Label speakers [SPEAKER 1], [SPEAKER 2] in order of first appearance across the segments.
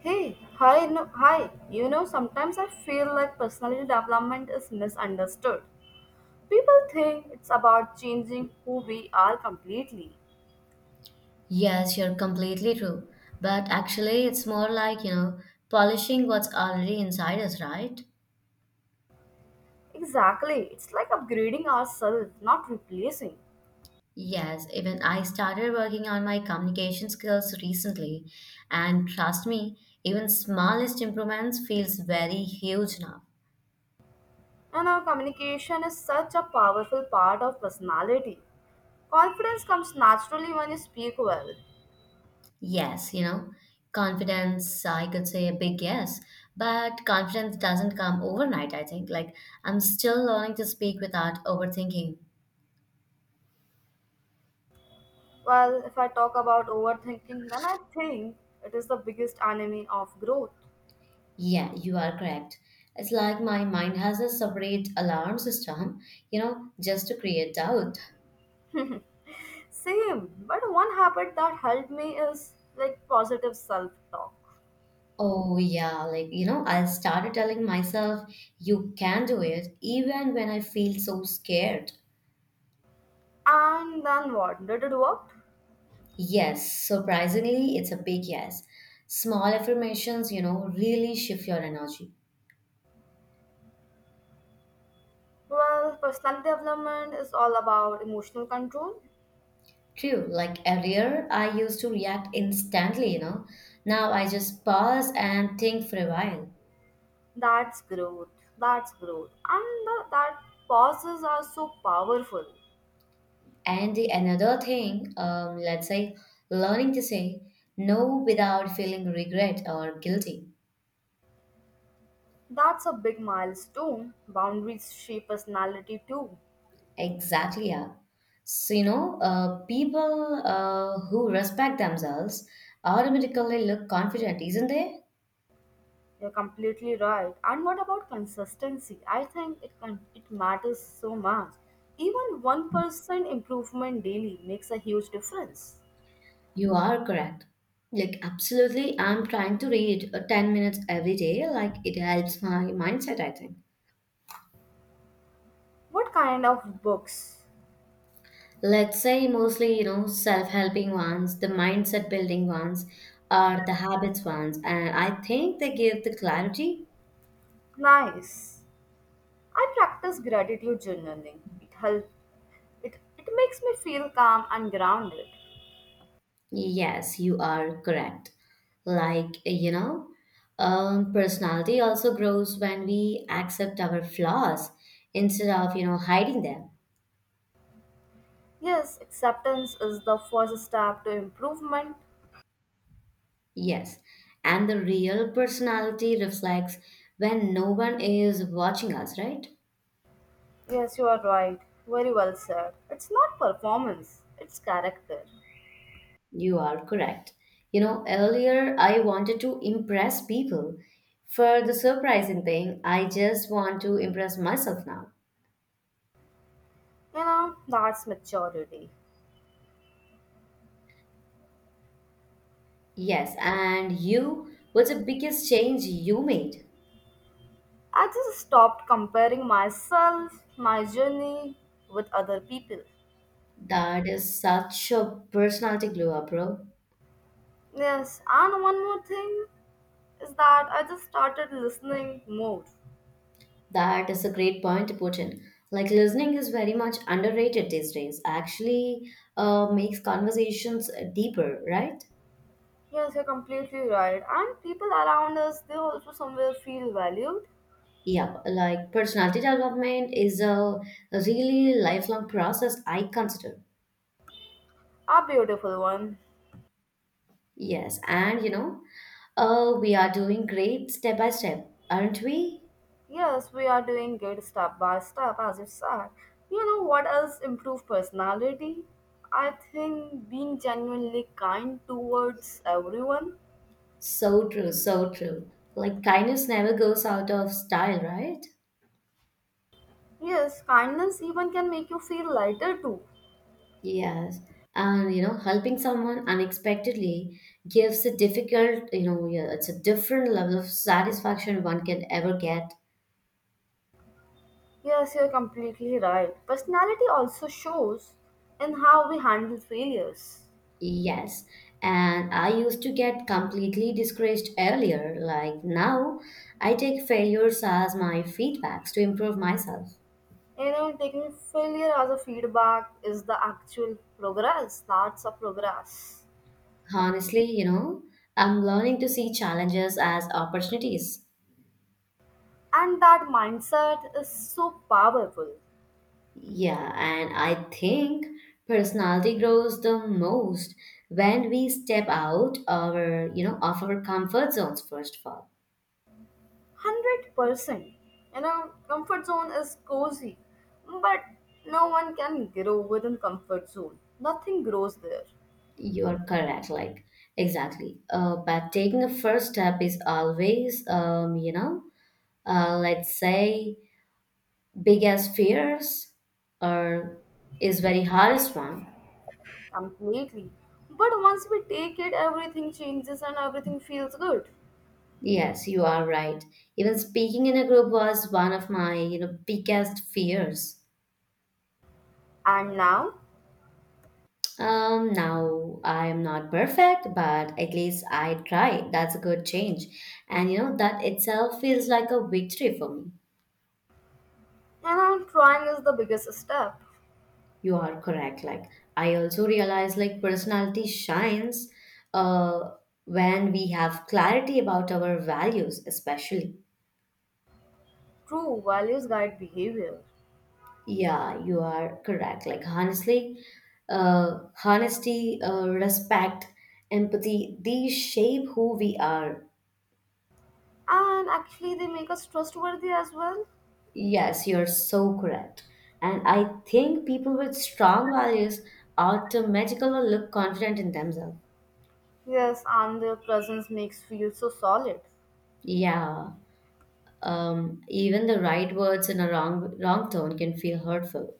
[SPEAKER 1] Hey, hi, no, hi. You know, sometimes I feel like personality development is misunderstood. People think it's about changing who we are completely.
[SPEAKER 2] Yes, you're completely true. But actually, it's more like, polishing what's already inside us, right?
[SPEAKER 1] Exactly, it's like upgrading ourselves, not replacing.
[SPEAKER 2] Yes, even I started working on my communication skills recently, and trust me, even smallest improvements feels very huge now.
[SPEAKER 1] And our communication is such a powerful part of personality. Confidence comes naturally when you speak well.
[SPEAKER 2] Yes, confidence, I could say a big yes, but confidence doesn't come overnight, I think. Like, I'm still learning to speak without overthinking.
[SPEAKER 1] Well, if I talk about overthinking, then I think it is the biggest enemy of growth.
[SPEAKER 2] Yeah, you are correct. It's like my mind has a separate alarm system, just to create doubt.
[SPEAKER 1] Same, but one habit that helped me is like positive self talk.
[SPEAKER 2] Oh, yeah, like, I started telling myself, you can do it, even when I feel so scared.
[SPEAKER 1] And then what? Did it work?
[SPEAKER 2] Yes, surprisingly, it's a big yes. Small affirmations, really shift your energy.
[SPEAKER 1] Well, personality development is all about emotional control.
[SPEAKER 2] True, like earlier, I used to react instantly. Now I just pause and think for a while.
[SPEAKER 1] That's growth. That's growth. And that pauses are so powerful.
[SPEAKER 2] And the another thing, let's say, learning to say no without feeling regret or guilty.
[SPEAKER 1] That's a big milestone. Boundaries shape personality too.
[SPEAKER 2] Exactly, yeah. So, people who respect themselves automatically look confident, isn't they?
[SPEAKER 1] You're completely right. And what about consistency? I think it matters so much. Even 1% improvement daily makes a huge difference.
[SPEAKER 2] You are correct. Like, absolutely, I'm trying to read 10 minutes every day. Like, it helps my mindset, I think.
[SPEAKER 1] What kind of books?
[SPEAKER 2] Let's say mostly, self-helping ones, the mindset building ones, or the habits ones, and I think they give the clarity.
[SPEAKER 1] Nice. I practice gratitude journaling. It makes me feel calm and grounded.
[SPEAKER 2] Yes, you are correct. Like, you know, Personality also grows when we accept our flaws instead of, hiding them.
[SPEAKER 1] Yes, acceptance is the first step to improvement.
[SPEAKER 2] Yes. And the real personality reflects when no one is watching us, right?
[SPEAKER 1] Yes, you are right. Very well said. It's not performance, it's character.
[SPEAKER 2] You are correct. You know, earlier I wanted to impress people. For the surprising thing, I just want to impress myself now.
[SPEAKER 1] You know, that's maturity.
[SPEAKER 2] Yes, and you, what's the biggest change you made?
[SPEAKER 1] I just stopped comparing myself, my journey with other people.
[SPEAKER 2] That is such a personality glow up, bro.
[SPEAKER 1] Yes, and one more thing is that I just started listening more.
[SPEAKER 2] That is a great point to put in. Like, listening is very much underrated these days. Actually, makes conversations deeper, right?
[SPEAKER 1] Yes, you're completely right. And people around us, they also somewhere feel valued.
[SPEAKER 2] Yep, like personality development is a really lifelong process, I consider.
[SPEAKER 1] A beautiful one.
[SPEAKER 2] Yes, and oh, we are doing great step by step, aren't we?
[SPEAKER 1] Yes, we are doing good step by step, as you said. You know what else improve personality? I think being genuinely kind towards everyone.
[SPEAKER 2] So true, so true. Like kindness never goes out of style, right?
[SPEAKER 1] Yes, kindness even can make you feel lighter too.
[SPEAKER 2] Yes, and helping someone unexpectedly gives a difficult, yeah, it's a different level of satisfaction one can ever get.
[SPEAKER 1] Yes, you're completely right. Personality also shows in how we handle failures.
[SPEAKER 2] Yes, and I used to get completely discouraged earlier. Like now, I take failures as my feedbacks to improve myself.
[SPEAKER 1] You know, taking failure as a feedback is the actual progress. That's a progress.
[SPEAKER 2] Honestly, I'm learning to see challenges as opportunities.
[SPEAKER 1] And that mindset is so powerful.
[SPEAKER 2] Yeah, and I think personality grows the most when we step out our, of our comfort zones first of all.
[SPEAKER 1] 100%. You know, comfort zone is cozy, but no one can grow within comfort zone. Nothing grows there.
[SPEAKER 2] You're correct, like exactly. But taking the first step is always, let's say, biggest fears or is very hardest one.
[SPEAKER 1] Completely. But once we take it, everything changes and everything feels good.
[SPEAKER 2] Yes, you are right. Even speaking in a group was one of my, biggest fears.
[SPEAKER 1] And now,
[SPEAKER 2] Now I am not perfect, but at least I try. That's a good change. And you know, that itself feels like a victory for me.
[SPEAKER 1] and I'm trying is the biggest step.
[SPEAKER 2] You are correct. Like I also realize like personality shines uh when we have clarity about our values, especially.
[SPEAKER 1] True values guide behavior.
[SPEAKER 2] Yeah, you are correct. Like honestly, honesty, respect, empathy, these shape who we are.
[SPEAKER 1] And actually, they make us trustworthy as well.
[SPEAKER 2] Yes, you're so correct. And I think people with strong values automatically look confident in themselves.
[SPEAKER 1] Yes, and their presence makes feel so solid.
[SPEAKER 2] Yeah, even the right words in a wrong tone can feel hurtful.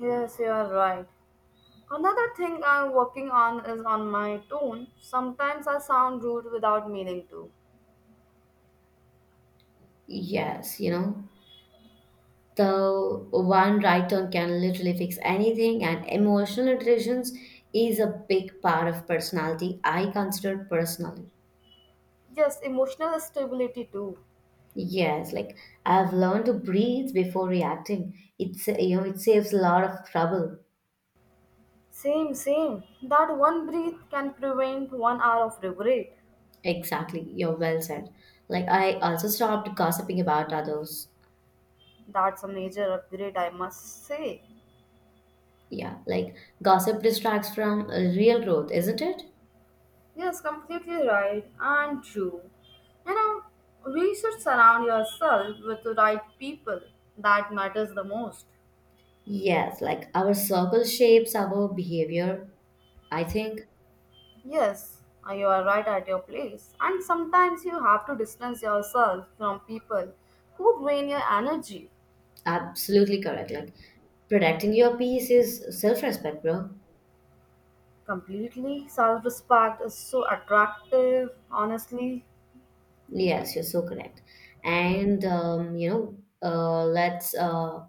[SPEAKER 1] Yes, you are right. Another thing I'm working on is on my tone. Sometimes I sound rude without meaning to.
[SPEAKER 2] Yes, you know, so one right turn can literally fix anything, and emotional intelligence is a big part of personality. I consider personally.
[SPEAKER 1] Yes, emotional stability too.
[SPEAKER 2] Yes, like I've learned to breathe before reacting. It's you know it saves a lot of trouble.
[SPEAKER 1] Same, same. That one breath can prevent 1 hour of regret.
[SPEAKER 2] Exactly, you're well said. Like I also stopped gossiping about others.
[SPEAKER 1] That's a major upgrade, I must say.
[SPEAKER 2] Yeah, like gossip distracts from real growth, isn't it?
[SPEAKER 1] Yes, completely right and true. You know, we should surround yourself with the right people. That matters the most.
[SPEAKER 2] Yes, like our circle shapes our behavior, I think.
[SPEAKER 1] Yes, you are right at your place. And sometimes you have to distance yourself from people who drain your energy.
[SPEAKER 2] Absolutely correct. Like protecting your peace is self-respect, bro.
[SPEAKER 1] Completely, self respect is so attractive, honestly.
[SPEAKER 2] Yes, you're so correct. And let's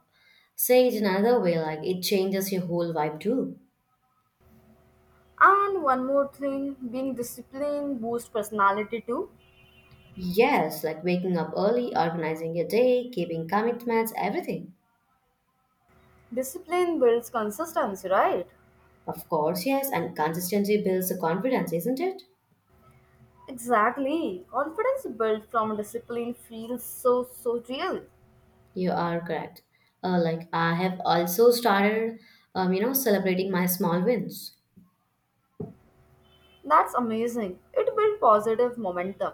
[SPEAKER 2] say it another way. Like it changes your whole vibe too.
[SPEAKER 1] And one more thing, being disciplined boosts personality too.
[SPEAKER 2] Yes, like waking up early, organizing your day, keeping commitments, everything.
[SPEAKER 1] Discipline builds consistency, right?
[SPEAKER 2] Of course, yes, and consistency builds the confidence, isn't it?
[SPEAKER 1] Exactly. Confidence built from discipline feels so, so real.
[SPEAKER 2] You are correct. Like I have also started, celebrating my small wins.
[SPEAKER 1] That's amazing. It builds positive momentum.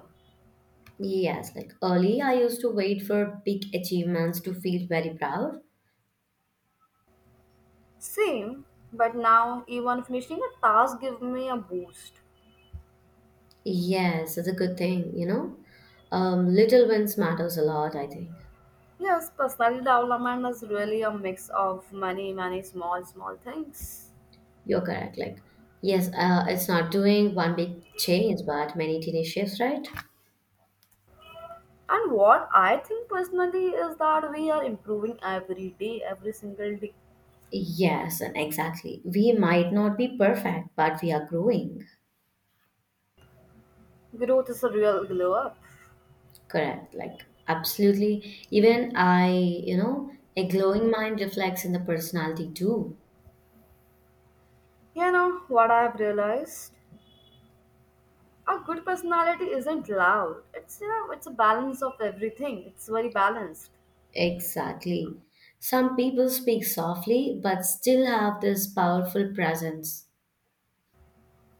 [SPEAKER 2] Yes, like early, I used to wait for big achievements to feel very proud.
[SPEAKER 1] Same, but now even finishing a task gives me a boost.
[SPEAKER 2] Yes, it's a good thing. Little wins matters a lot, I think.
[SPEAKER 1] Yes, personality development is really a mix of many, many small, small things.
[SPEAKER 2] You're correct. Like, yes, it's not doing one big change, but many tiny shifts, right?
[SPEAKER 1] And what I think personally is that we are improving every day, every single day.
[SPEAKER 2] Yes, and exactly. We might not be perfect, but we are growing.
[SPEAKER 1] Growth is a real glow up.
[SPEAKER 2] Correct. Like, absolutely. Even I, a glowing mind reflects in the personality too.
[SPEAKER 1] You know what I've realized? A good personality isn't loud. It's a balance of everything. It's very balanced.
[SPEAKER 2] Exactly. Some people speak softly but still have this powerful presence.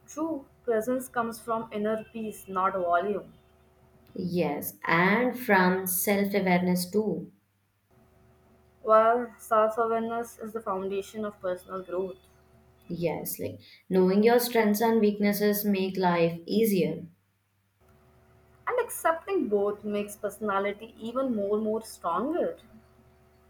[SPEAKER 1] True presence comes from inner peace, not volume.
[SPEAKER 2] Yes, and from self awareness too.
[SPEAKER 1] While self-awareness is the foundation of personal growth.
[SPEAKER 2] Yes, like knowing your strengths and weaknesses make life easier.
[SPEAKER 1] And accepting both makes personality even more stronger.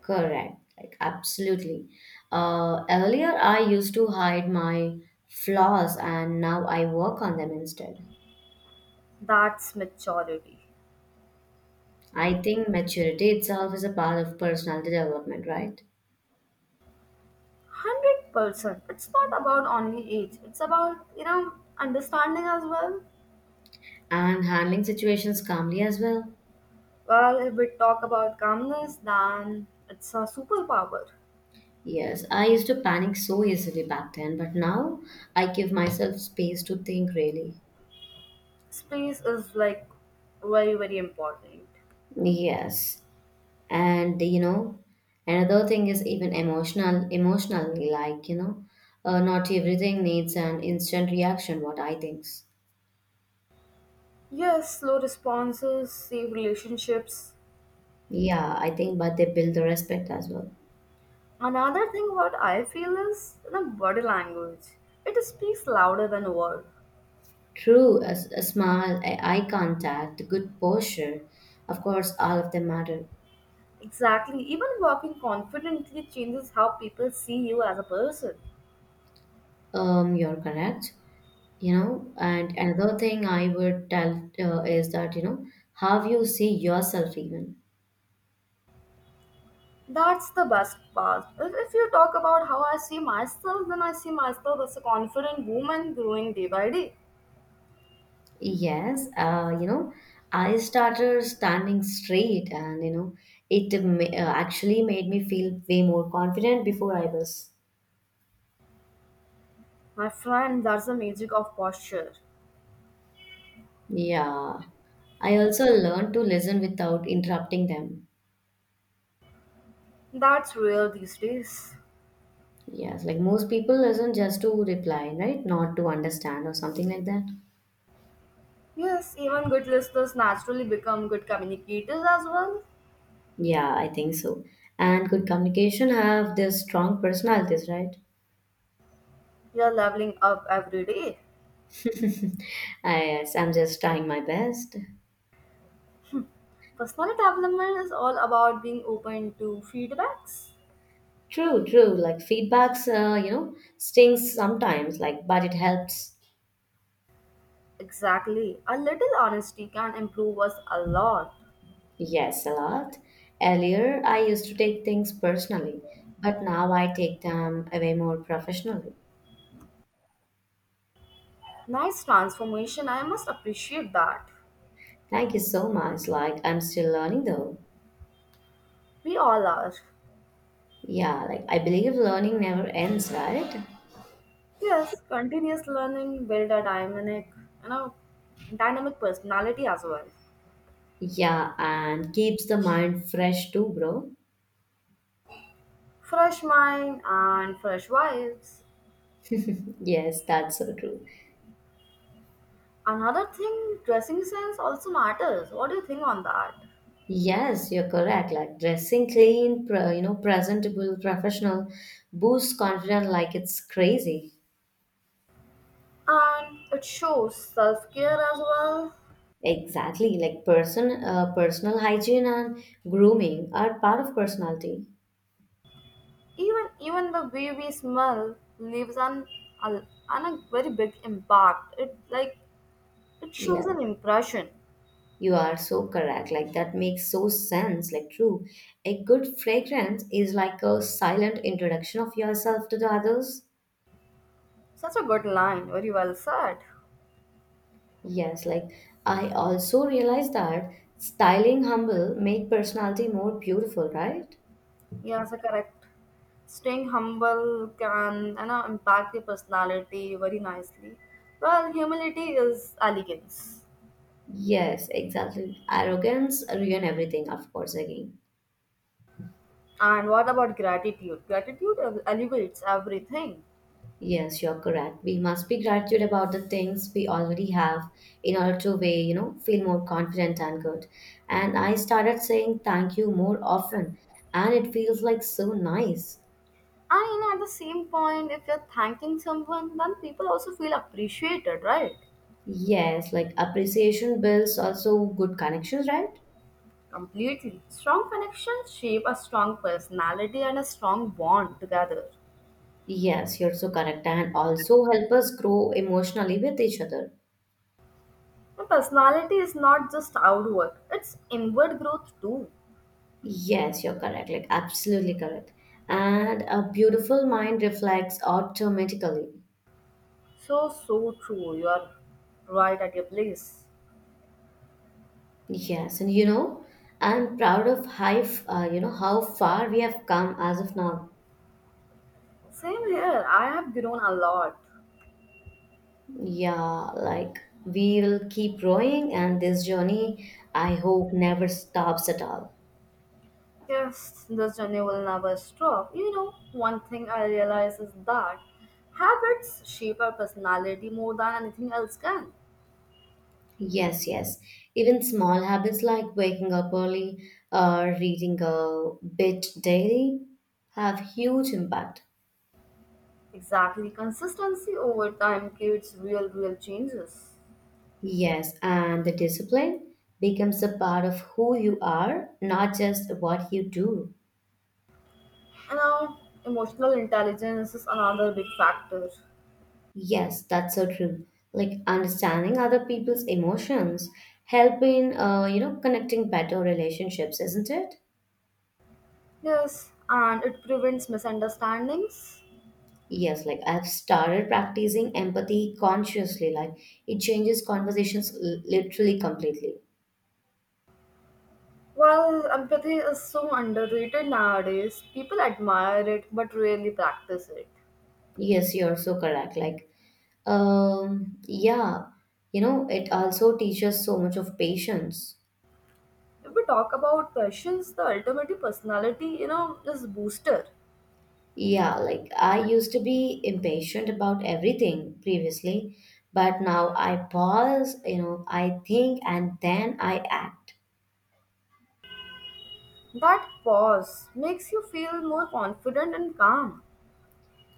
[SPEAKER 2] Correct. Like absolutely. Earlier I used to hide my flaws and now I work on them instead.
[SPEAKER 1] That's maturity.
[SPEAKER 2] I think maturity itself is a part of personality development, right?
[SPEAKER 1] 100%. It's not about only age. It's about understanding as well.
[SPEAKER 2] And handling situations calmly as well.
[SPEAKER 1] Well, if we talk about calmness, then it's a superpower.
[SPEAKER 2] Yes, I used to panic so easily back then, but now I give myself space to think really.
[SPEAKER 1] Space is like very very important.
[SPEAKER 2] Yes. And another thing is even emotionally like, not everything needs an instant reaction, what I think.
[SPEAKER 1] Yes, slow responses save relationships.
[SPEAKER 2] Yeah, I think, but they build the respect as well.
[SPEAKER 1] Another thing what I feel is the body language. It speaks louder than words.
[SPEAKER 2] True, a, a smile, a eye contact, good posture, of course, all of them matter.
[SPEAKER 1] Exactly. Even walking confidently changes how people see you as a person.
[SPEAKER 2] You're correct. And another thing I would tell is that how you see yourself even
[SPEAKER 1] That's the best part. If you talk about how I see myself, then I see myself as a confident woman growing day by day.
[SPEAKER 2] yes I started standing straight and it actually made me feel way more confident before I was
[SPEAKER 1] My friend, that's the magic of posture.
[SPEAKER 2] yeah I also learned to listen without interrupting them
[SPEAKER 1] That's rare these days.
[SPEAKER 2] yes like most people listen just to reply, right, not to understand or something like that.
[SPEAKER 1] Yes, even good listeners naturally become good communicators as well.
[SPEAKER 2] Yeah, I think so. And good communication have this strong personalities, right?
[SPEAKER 1] You're leveling up every day.
[SPEAKER 2] I Yes, I'm just trying my best.
[SPEAKER 1] Personal development is all about being open to feedbacks.
[SPEAKER 2] True, true. Like feedbacks, stings sometimes. Like, but it helps.
[SPEAKER 1] Exactly. A little honesty can improve us a lot.
[SPEAKER 2] Yes, a lot. Earlier, I used to take things personally, but now I take them away more professionally.
[SPEAKER 1] Nice transformation, I must appreciate that.
[SPEAKER 2] Thank you so much. Like, I'm still learning though.
[SPEAKER 1] We all are.
[SPEAKER 2] Yeah, like I believe learning never ends, right?
[SPEAKER 1] Yes, continuous learning build a dynamic, you know, dynamic personality as well.
[SPEAKER 2] Yeah, and keeps the mind fresh too, bro.
[SPEAKER 1] Fresh mind and fresh vibes.
[SPEAKER 2] Yes, that's so true.
[SPEAKER 1] Another thing, dressing sense also matters. What do you think on that?
[SPEAKER 2] Yes, you're correct. Like dressing clean, presentable, professional, boosts confidence like it's crazy.
[SPEAKER 1] And it shows self care as well.
[SPEAKER 2] Exactly. Like personal hygiene and grooming are part of personality.
[SPEAKER 1] Even the way we smell leaves a, an a very big impact. It shows
[SPEAKER 2] Yes,
[SPEAKER 1] an impression.
[SPEAKER 2] you are so correct. Like that makes so sense. Like true, a good fragrance is like a silent introduction of yourself to the others.
[SPEAKER 1] Such a good line. Very well said.
[SPEAKER 2] Yes, like I also realized that styling humble make personality more beautiful, right?
[SPEAKER 1] Yes, correct. Staying humble can impact the personality very nicely. Well, humility is elegance.
[SPEAKER 2] Yes, exactly. Arrogance ruin everything, of course, again.
[SPEAKER 1] And what about gratitude? Gratitude elevates everything.
[SPEAKER 2] Yes, you're correct. We must be gratitude about the things we already have in order to way, feel more confident and good. And I started saying thank you more often, and it feels like so nice.
[SPEAKER 1] And at the same point, if you're thanking someone, then people also feel appreciated, right?
[SPEAKER 2] Yes, like appreciation builds also good connections, right?
[SPEAKER 1] Completely. Strong connections shape a strong personality and a strong bond together.
[SPEAKER 2] Yes, you're so correct, and also help us grow emotionally with each other.
[SPEAKER 1] And personality is not just outward, it's inward growth too.
[SPEAKER 2] Yes, you're correct. Like, absolutely correct. And a beautiful mind reflects automatically.
[SPEAKER 1] So, so true. You are right at your place.
[SPEAKER 2] Yes, and I'm proud of how, how far we have come as of now.
[SPEAKER 1] Same here. I have grown a lot.
[SPEAKER 2] Yeah, like we will keep growing, and this journey, I hope, never stops at all.
[SPEAKER 1] Yes, this journey will never stop. You know, one thing I realize is that habits shape our personality more than anything else can.
[SPEAKER 2] Yes, yes. Even small habits like waking up early or reading a bit daily have huge impact.
[SPEAKER 1] Exactly. Consistency over time creates real, real changes.
[SPEAKER 2] Yes, and the discipline becomes a part of who you are, not just what you do.
[SPEAKER 1] You know, emotional intelligence is another big factor.
[SPEAKER 2] Yes, that's so true. Like understanding other people's emotions, helping, connecting better relationships, isn't it?
[SPEAKER 1] Yes, and it prevents misunderstandings.
[SPEAKER 2] Yes, like I've started practicing empathy consciously. Like it changes conversations literally completely.
[SPEAKER 1] Well, empathy is so underrated nowadays. People admire it but rarely practice it.
[SPEAKER 2] Yes, you're so correct. Like, yeah, it also teaches so much of patience.
[SPEAKER 1] If we talk about questions, the ultimate personality is booster.
[SPEAKER 2] Yeah, like I used to be impatient about everything previously, but now I pause, I think and then I act.
[SPEAKER 1] That pause makes you feel more confident and calm.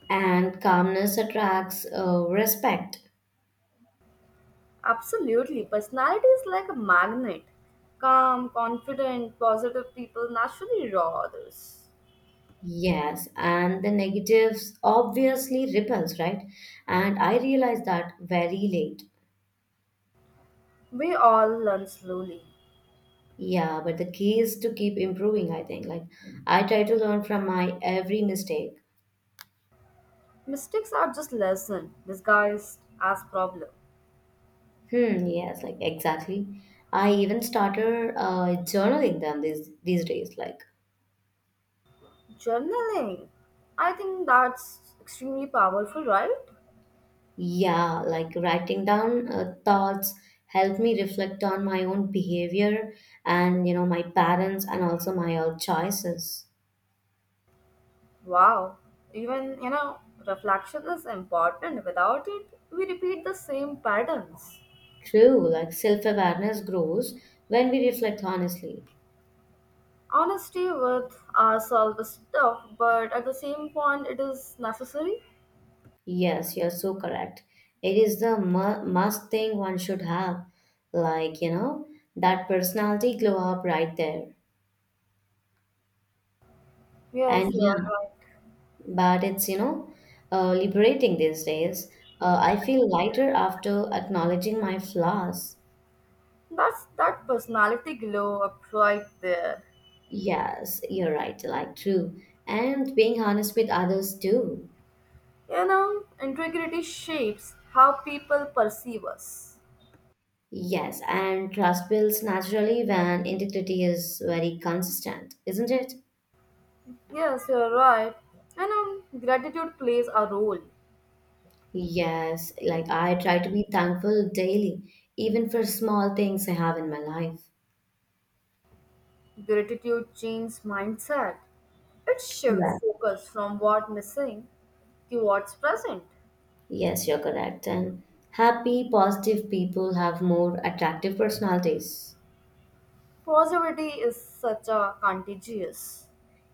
[SPEAKER 2] And calmness attracts respect.
[SPEAKER 1] Absolutely. Personality is like a magnet. Calm, confident, positive people naturally draw others.
[SPEAKER 2] Yes, and the negatives obviously repels, right? And I realized that very late.
[SPEAKER 1] We all learn slowly.
[SPEAKER 2] Yeah, but the key is to keep improving, I think. Like, I try to learn from my every mistake.
[SPEAKER 1] Mistakes are just lesson disguised as problem.
[SPEAKER 2] Hmm, yes, like exactly. I even started journaling them these days. Like,
[SPEAKER 1] Journaling. I think that's extremely powerful, right?
[SPEAKER 2] yeah, like writing down thoughts help me reflect on my own behavior and my patterns and also my own choices.
[SPEAKER 1] Wow. Even reflection is important. Without it, we repeat the same patterns.
[SPEAKER 2] True, like self-awareness grows when we reflect honestly.
[SPEAKER 1] Honesty with ourselves is tough, but at the same point, it is necessary.
[SPEAKER 2] Yes, you're so correct. It is the must thing one should have. Like, that personality glow up right there.
[SPEAKER 1] Yes,
[SPEAKER 2] And
[SPEAKER 1] you are
[SPEAKER 2] yeah,
[SPEAKER 1] right.
[SPEAKER 2] but it's you know liberating these days. I feel lighter after acknowledging my flaws.
[SPEAKER 1] That's that personality glow up right there.
[SPEAKER 2] Yes, you're right, like true, and being honest with others too.
[SPEAKER 1] You know, integrity shapes how people perceive us.
[SPEAKER 2] Yes, and trust builds naturally when integrity is very consistent, isn't it?
[SPEAKER 1] Yes, you're right. You know, gratitude plays a role.
[SPEAKER 2] Yes, like I try to be thankful daily, even for small things I have in my life.
[SPEAKER 1] Gratitude changes mindset. It shifts
[SPEAKER 2] Yeah.
[SPEAKER 1] focus from what's missing to what's present.
[SPEAKER 2] Yes, you're correct. And happy, positive people have more attractive personalities.
[SPEAKER 1] Positivity is such a contagious.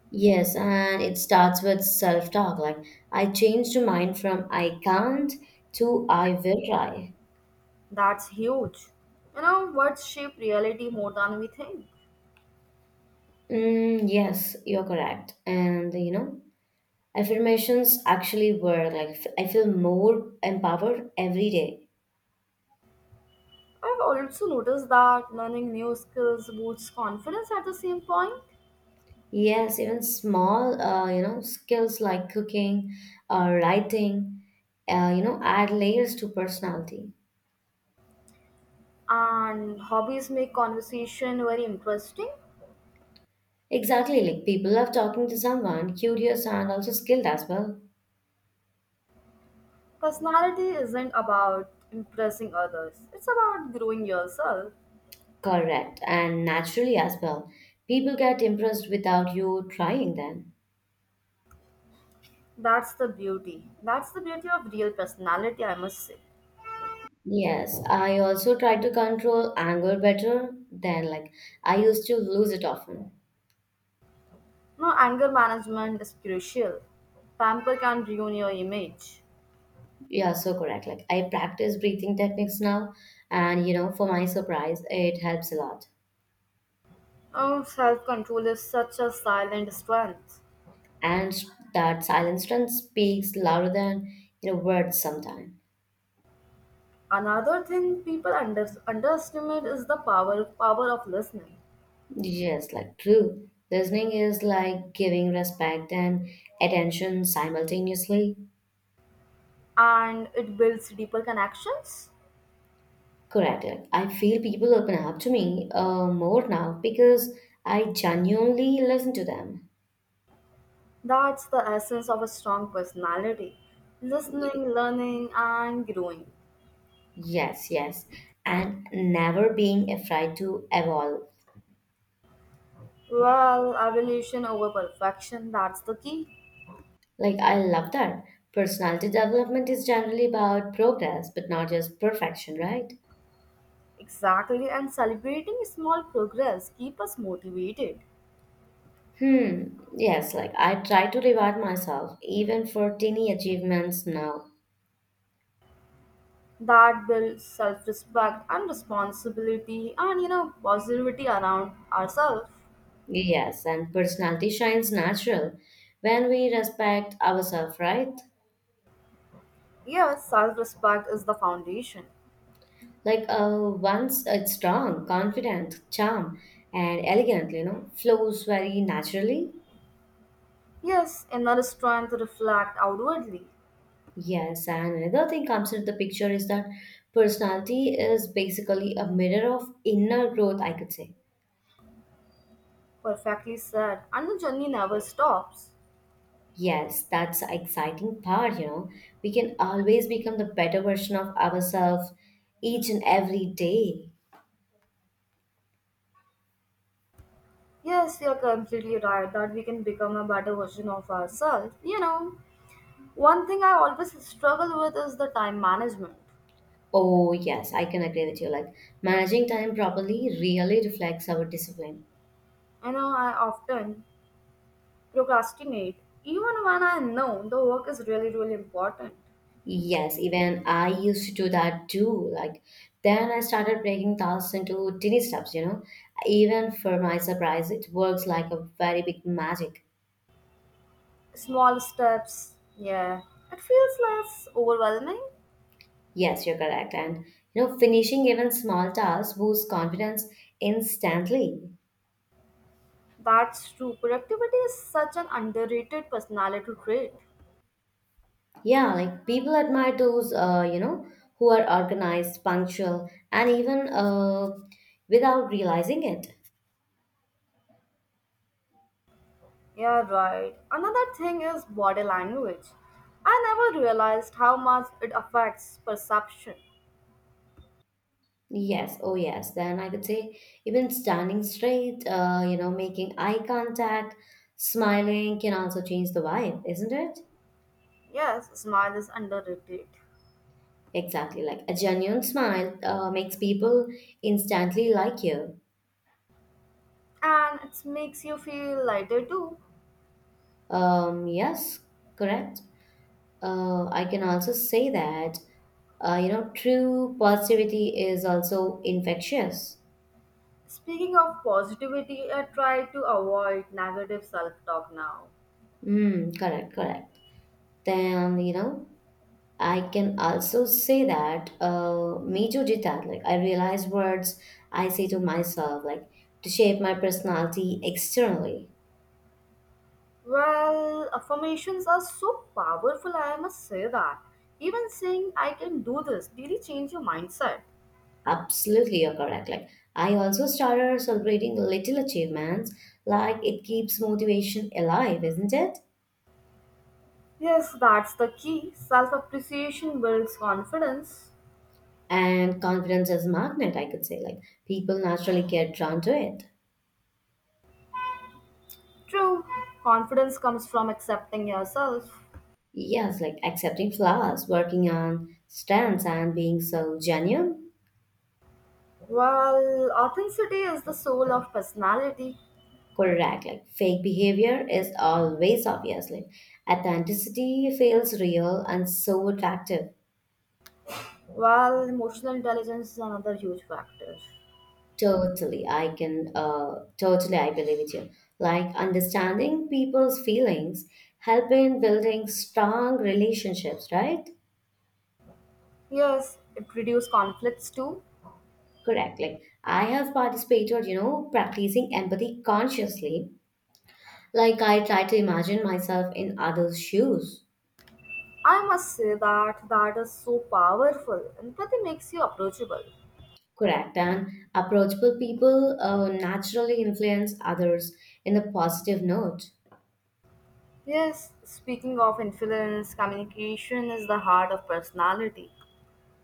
[SPEAKER 2] Yes, and it starts with self talk. Like, I changed my mind from I can't to I will try.
[SPEAKER 1] That's huge. You know, words shape reality more than we think.
[SPEAKER 2] Yes, you're correct. And you know, affirmations actually work. Like, I feel more empowered every day.
[SPEAKER 1] I've also noticed that learning new skills boosts confidence at the same point,
[SPEAKER 2] Yes, even small, skills like cooking or writing, add layers to personality.
[SPEAKER 1] and hobbies make conversation very interesting.
[SPEAKER 2] Exactly, like people love talking to someone curious and also skilled as well.
[SPEAKER 1] Personality isn't about impressing others, it's about growing yourself.
[SPEAKER 2] Correct, and naturally as well. People get impressed without you trying them.
[SPEAKER 1] That's the beauty. That's the beauty of real personality, I must say.
[SPEAKER 2] Yes, I also try to control anger better than like I used to lose it often.
[SPEAKER 1] No, anger management is crucial. Pamper can ruin your image.
[SPEAKER 2] Yeah, so correct. Like I practice breathing techniques now, and you know, for my surprise, it helps a lot.
[SPEAKER 1] Oh, self control is such a silent strength.
[SPEAKER 2] And that silent strength speaks louder than words sometimes.
[SPEAKER 1] Another thing people underestimate is the power of listening,
[SPEAKER 2] Yes, like true. Listening is like giving respect and attention simultaneously.
[SPEAKER 1] and it builds deeper connections.
[SPEAKER 2] Correct. I feel people open up to me more now because I genuinely listen to them.
[SPEAKER 1] That's the essence of a strong personality: listening, learning, and growing.
[SPEAKER 2] Yes, yes. And never being afraid to evolve.
[SPEAKER 1] Well, evolution over perfection. That's the key.
[SPEAKER 2] Like, I love that. Personality development is generally about progress, but not just perfection, right?
[SPEAKER 1] Exactly, and celebrating small progress keep us motivated.
[SPEAKER 2] Hmm. Yes, like I try to reward myself even for teeny achievements now.
[SPEAKER 1] That builds self-respect and responsibility and positivity around ourselves.
[SPEAKER 2] Yes, and personality shines natural when we respect ourselves, right?
[SPEAKER 1] Yes, self-respect is the foundation.
[SPEAKER 2] Like once it's strong, confident, charm, and elegant, you know, flows very naturally.
[SPEAKER 1] Yes, inner strength reflect outwardly.
[SPEAKER 2] Yes, and another thing comes into the picture is that personality is basically a mirror of inner growth, I could say.
[SPEAKER 1] Perfectly said, and the journey never stops.
[SPEAKER 2] Yes, that's the exciting part, you know. We can always become the better version of ourselves each and every day.
[SPEAKER 1] Yes, you're completely right that we can become a better version of ourselves. You know, one thing I always struggle with is the time management.
[SPEAKER 2] Oh, yes, I can agree with you. Like managing time properly really reflects our discipline.
[SPEAKER 1] You know, I often procrastinate even when I know the work is really really important.
[SPEAKER 2] Yes, even I used to do that too. Like, then I started breaking tasks into tiny steps, you know. Even for my surprise, it works like a very big magic.
[SPEAKER 1] Small steps. Yeah, it feels less overwhelming.
[SPEAKER 2] Yes, you're correct. And, you know, finishing even small tasks boosts confidence instantly.
[SPEAKER 1] That's true. Productivity is such an underrated personality trait.
[SPEAKER 2] Yeah, like people admire those, who are organized, punctual, and even without realizing it.
[SPEAKER 1] Yeah, right, another thing is body language. I never realized how much it affects perception.
[SPEAKER 2] Yes, oh yes. Then I could say even standing straight, making eye contact, smiling can also change the vibe, isn't it?
[SPEAKER 1] Yes, smile is underrated,
[SPEAKER 2] Exactly. Like a genuine smile makes people instantly like you.
[SPEAKER 1] and it makes you feel lighter too.
[SPEAKER 2] Yes, correct. I can also say that, true positivity is also infectious.
[SPEAKER 1] Speaking of positivity, I try to avoid negative self talk now.
[SPEAKER 2] Correct, correct. Then, you know, I can also say that major detail, like I realize words I say to myself, like to shape my personality externally.
[SPEAKER 1] Well, affirmations are so powerful, I must say that. Even saying I can do this really change your mindset.
[SPEAKER 2] Absolutely, you're correct. Like I also started celebrating little achievements, like it keeps motivation alive, isn't it?
[SPEAKER 1] Yes, that's the key. Self appreciation builds confidence.
[SPEAKER 2] And confidence is magnet, I could say. Like people naturally get drawn to it.
[SPEAKER 1] True, confidence comes from accepting yourself.
[SPEAKER 2] Yes, like accepting flaws, working on strengths, and being so genuine.
[SPEAKER 1] Well, authenticity is the soul of personality,
[SPEAKER 2] Correct. Like fake behavior is always obviously. Authenticity feels real and so attractive.
[SPEAKER 1] while emotional intelligence is another huge factor.
[SPEAKER 2] Totally, I can. Totally, I believe it you. Like understanding people's feelings, helping building strong relationships. Right.
[SPEAKER 1] Yes, it reduces conflicts too.
[SPEAKER 2] Correct. Like I have participated, you know, practicing empathy consciously. Like I try to imagine myself in others' shoes.
[SPEAKER 1] I must say that that is so powerful. Empathy makes you approachable.
[SPEAKER 2] Correct. And approachable people naturally influence others in a positive note.
[SPEAKER 1] Yes, speaking of influence, communication is the heart of personality.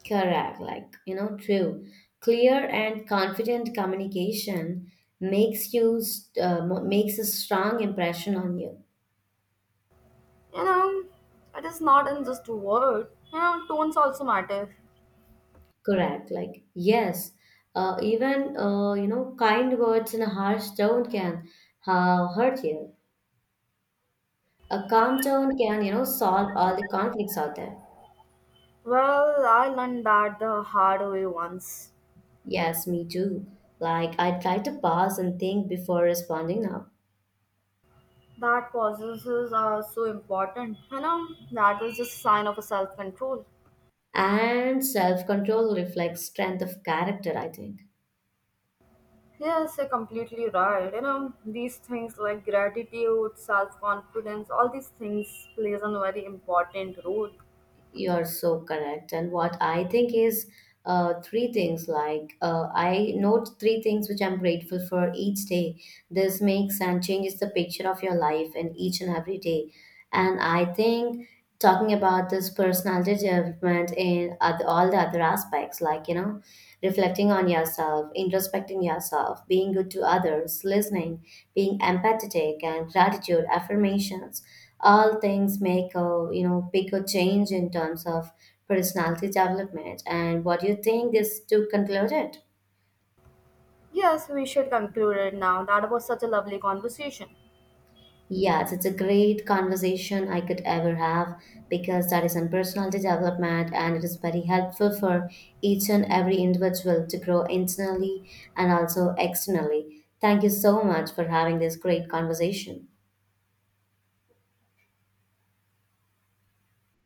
[SPEAKER 2] Correct. Like, you know, true. Clear and confident communication makes makes a strong impression on you.
[SPEAKER 1] You know, it is not in just word. You know, tones also matter.
[SPEAKER 2] Correct. Like, yes. Even, kind words in a harsh tone can hurt you. A calm tone can, you know, solve all the conflicts out there.
[SPEAKER 1] Well, I learned that the hard way once.
[SPEAKER 2] Yes, me too. Like, I try to pause and think before responding now.
[SPEAKER 1] That processes are so important. You know, that is just a sign of a self-control.
[SPEAKER 2] And self control reflects strength of character, I think.
[SPEAKER 1] Yes, you're completely right. You know, these things like gratitude, self-confidence, all these things plays a very important role.
[SPEAKER 2] You're so correct. And what I think is 3 things like I note 3 things which I'm grateful for each day. This makes and changes the picture of your life in each and every day. And I think talking about this personality development in all the other aspects, like, you know, reflecting on yourself, introspecting yourself, being good to others, listening, being empathetic, and gratitude, affirmations all things make a you know bigger change in terms of personality development and what do you think is to conclude it.
[SPEAKER 1] Yes, we should conclude it now. That was such a lovely conversation.
[SPEAKER 2] Yes, it's a great conversation I could ever have because that is on personality development and it is very helpful for each and every individual to grow internally and also externally. Thank you so much for having this great conversation.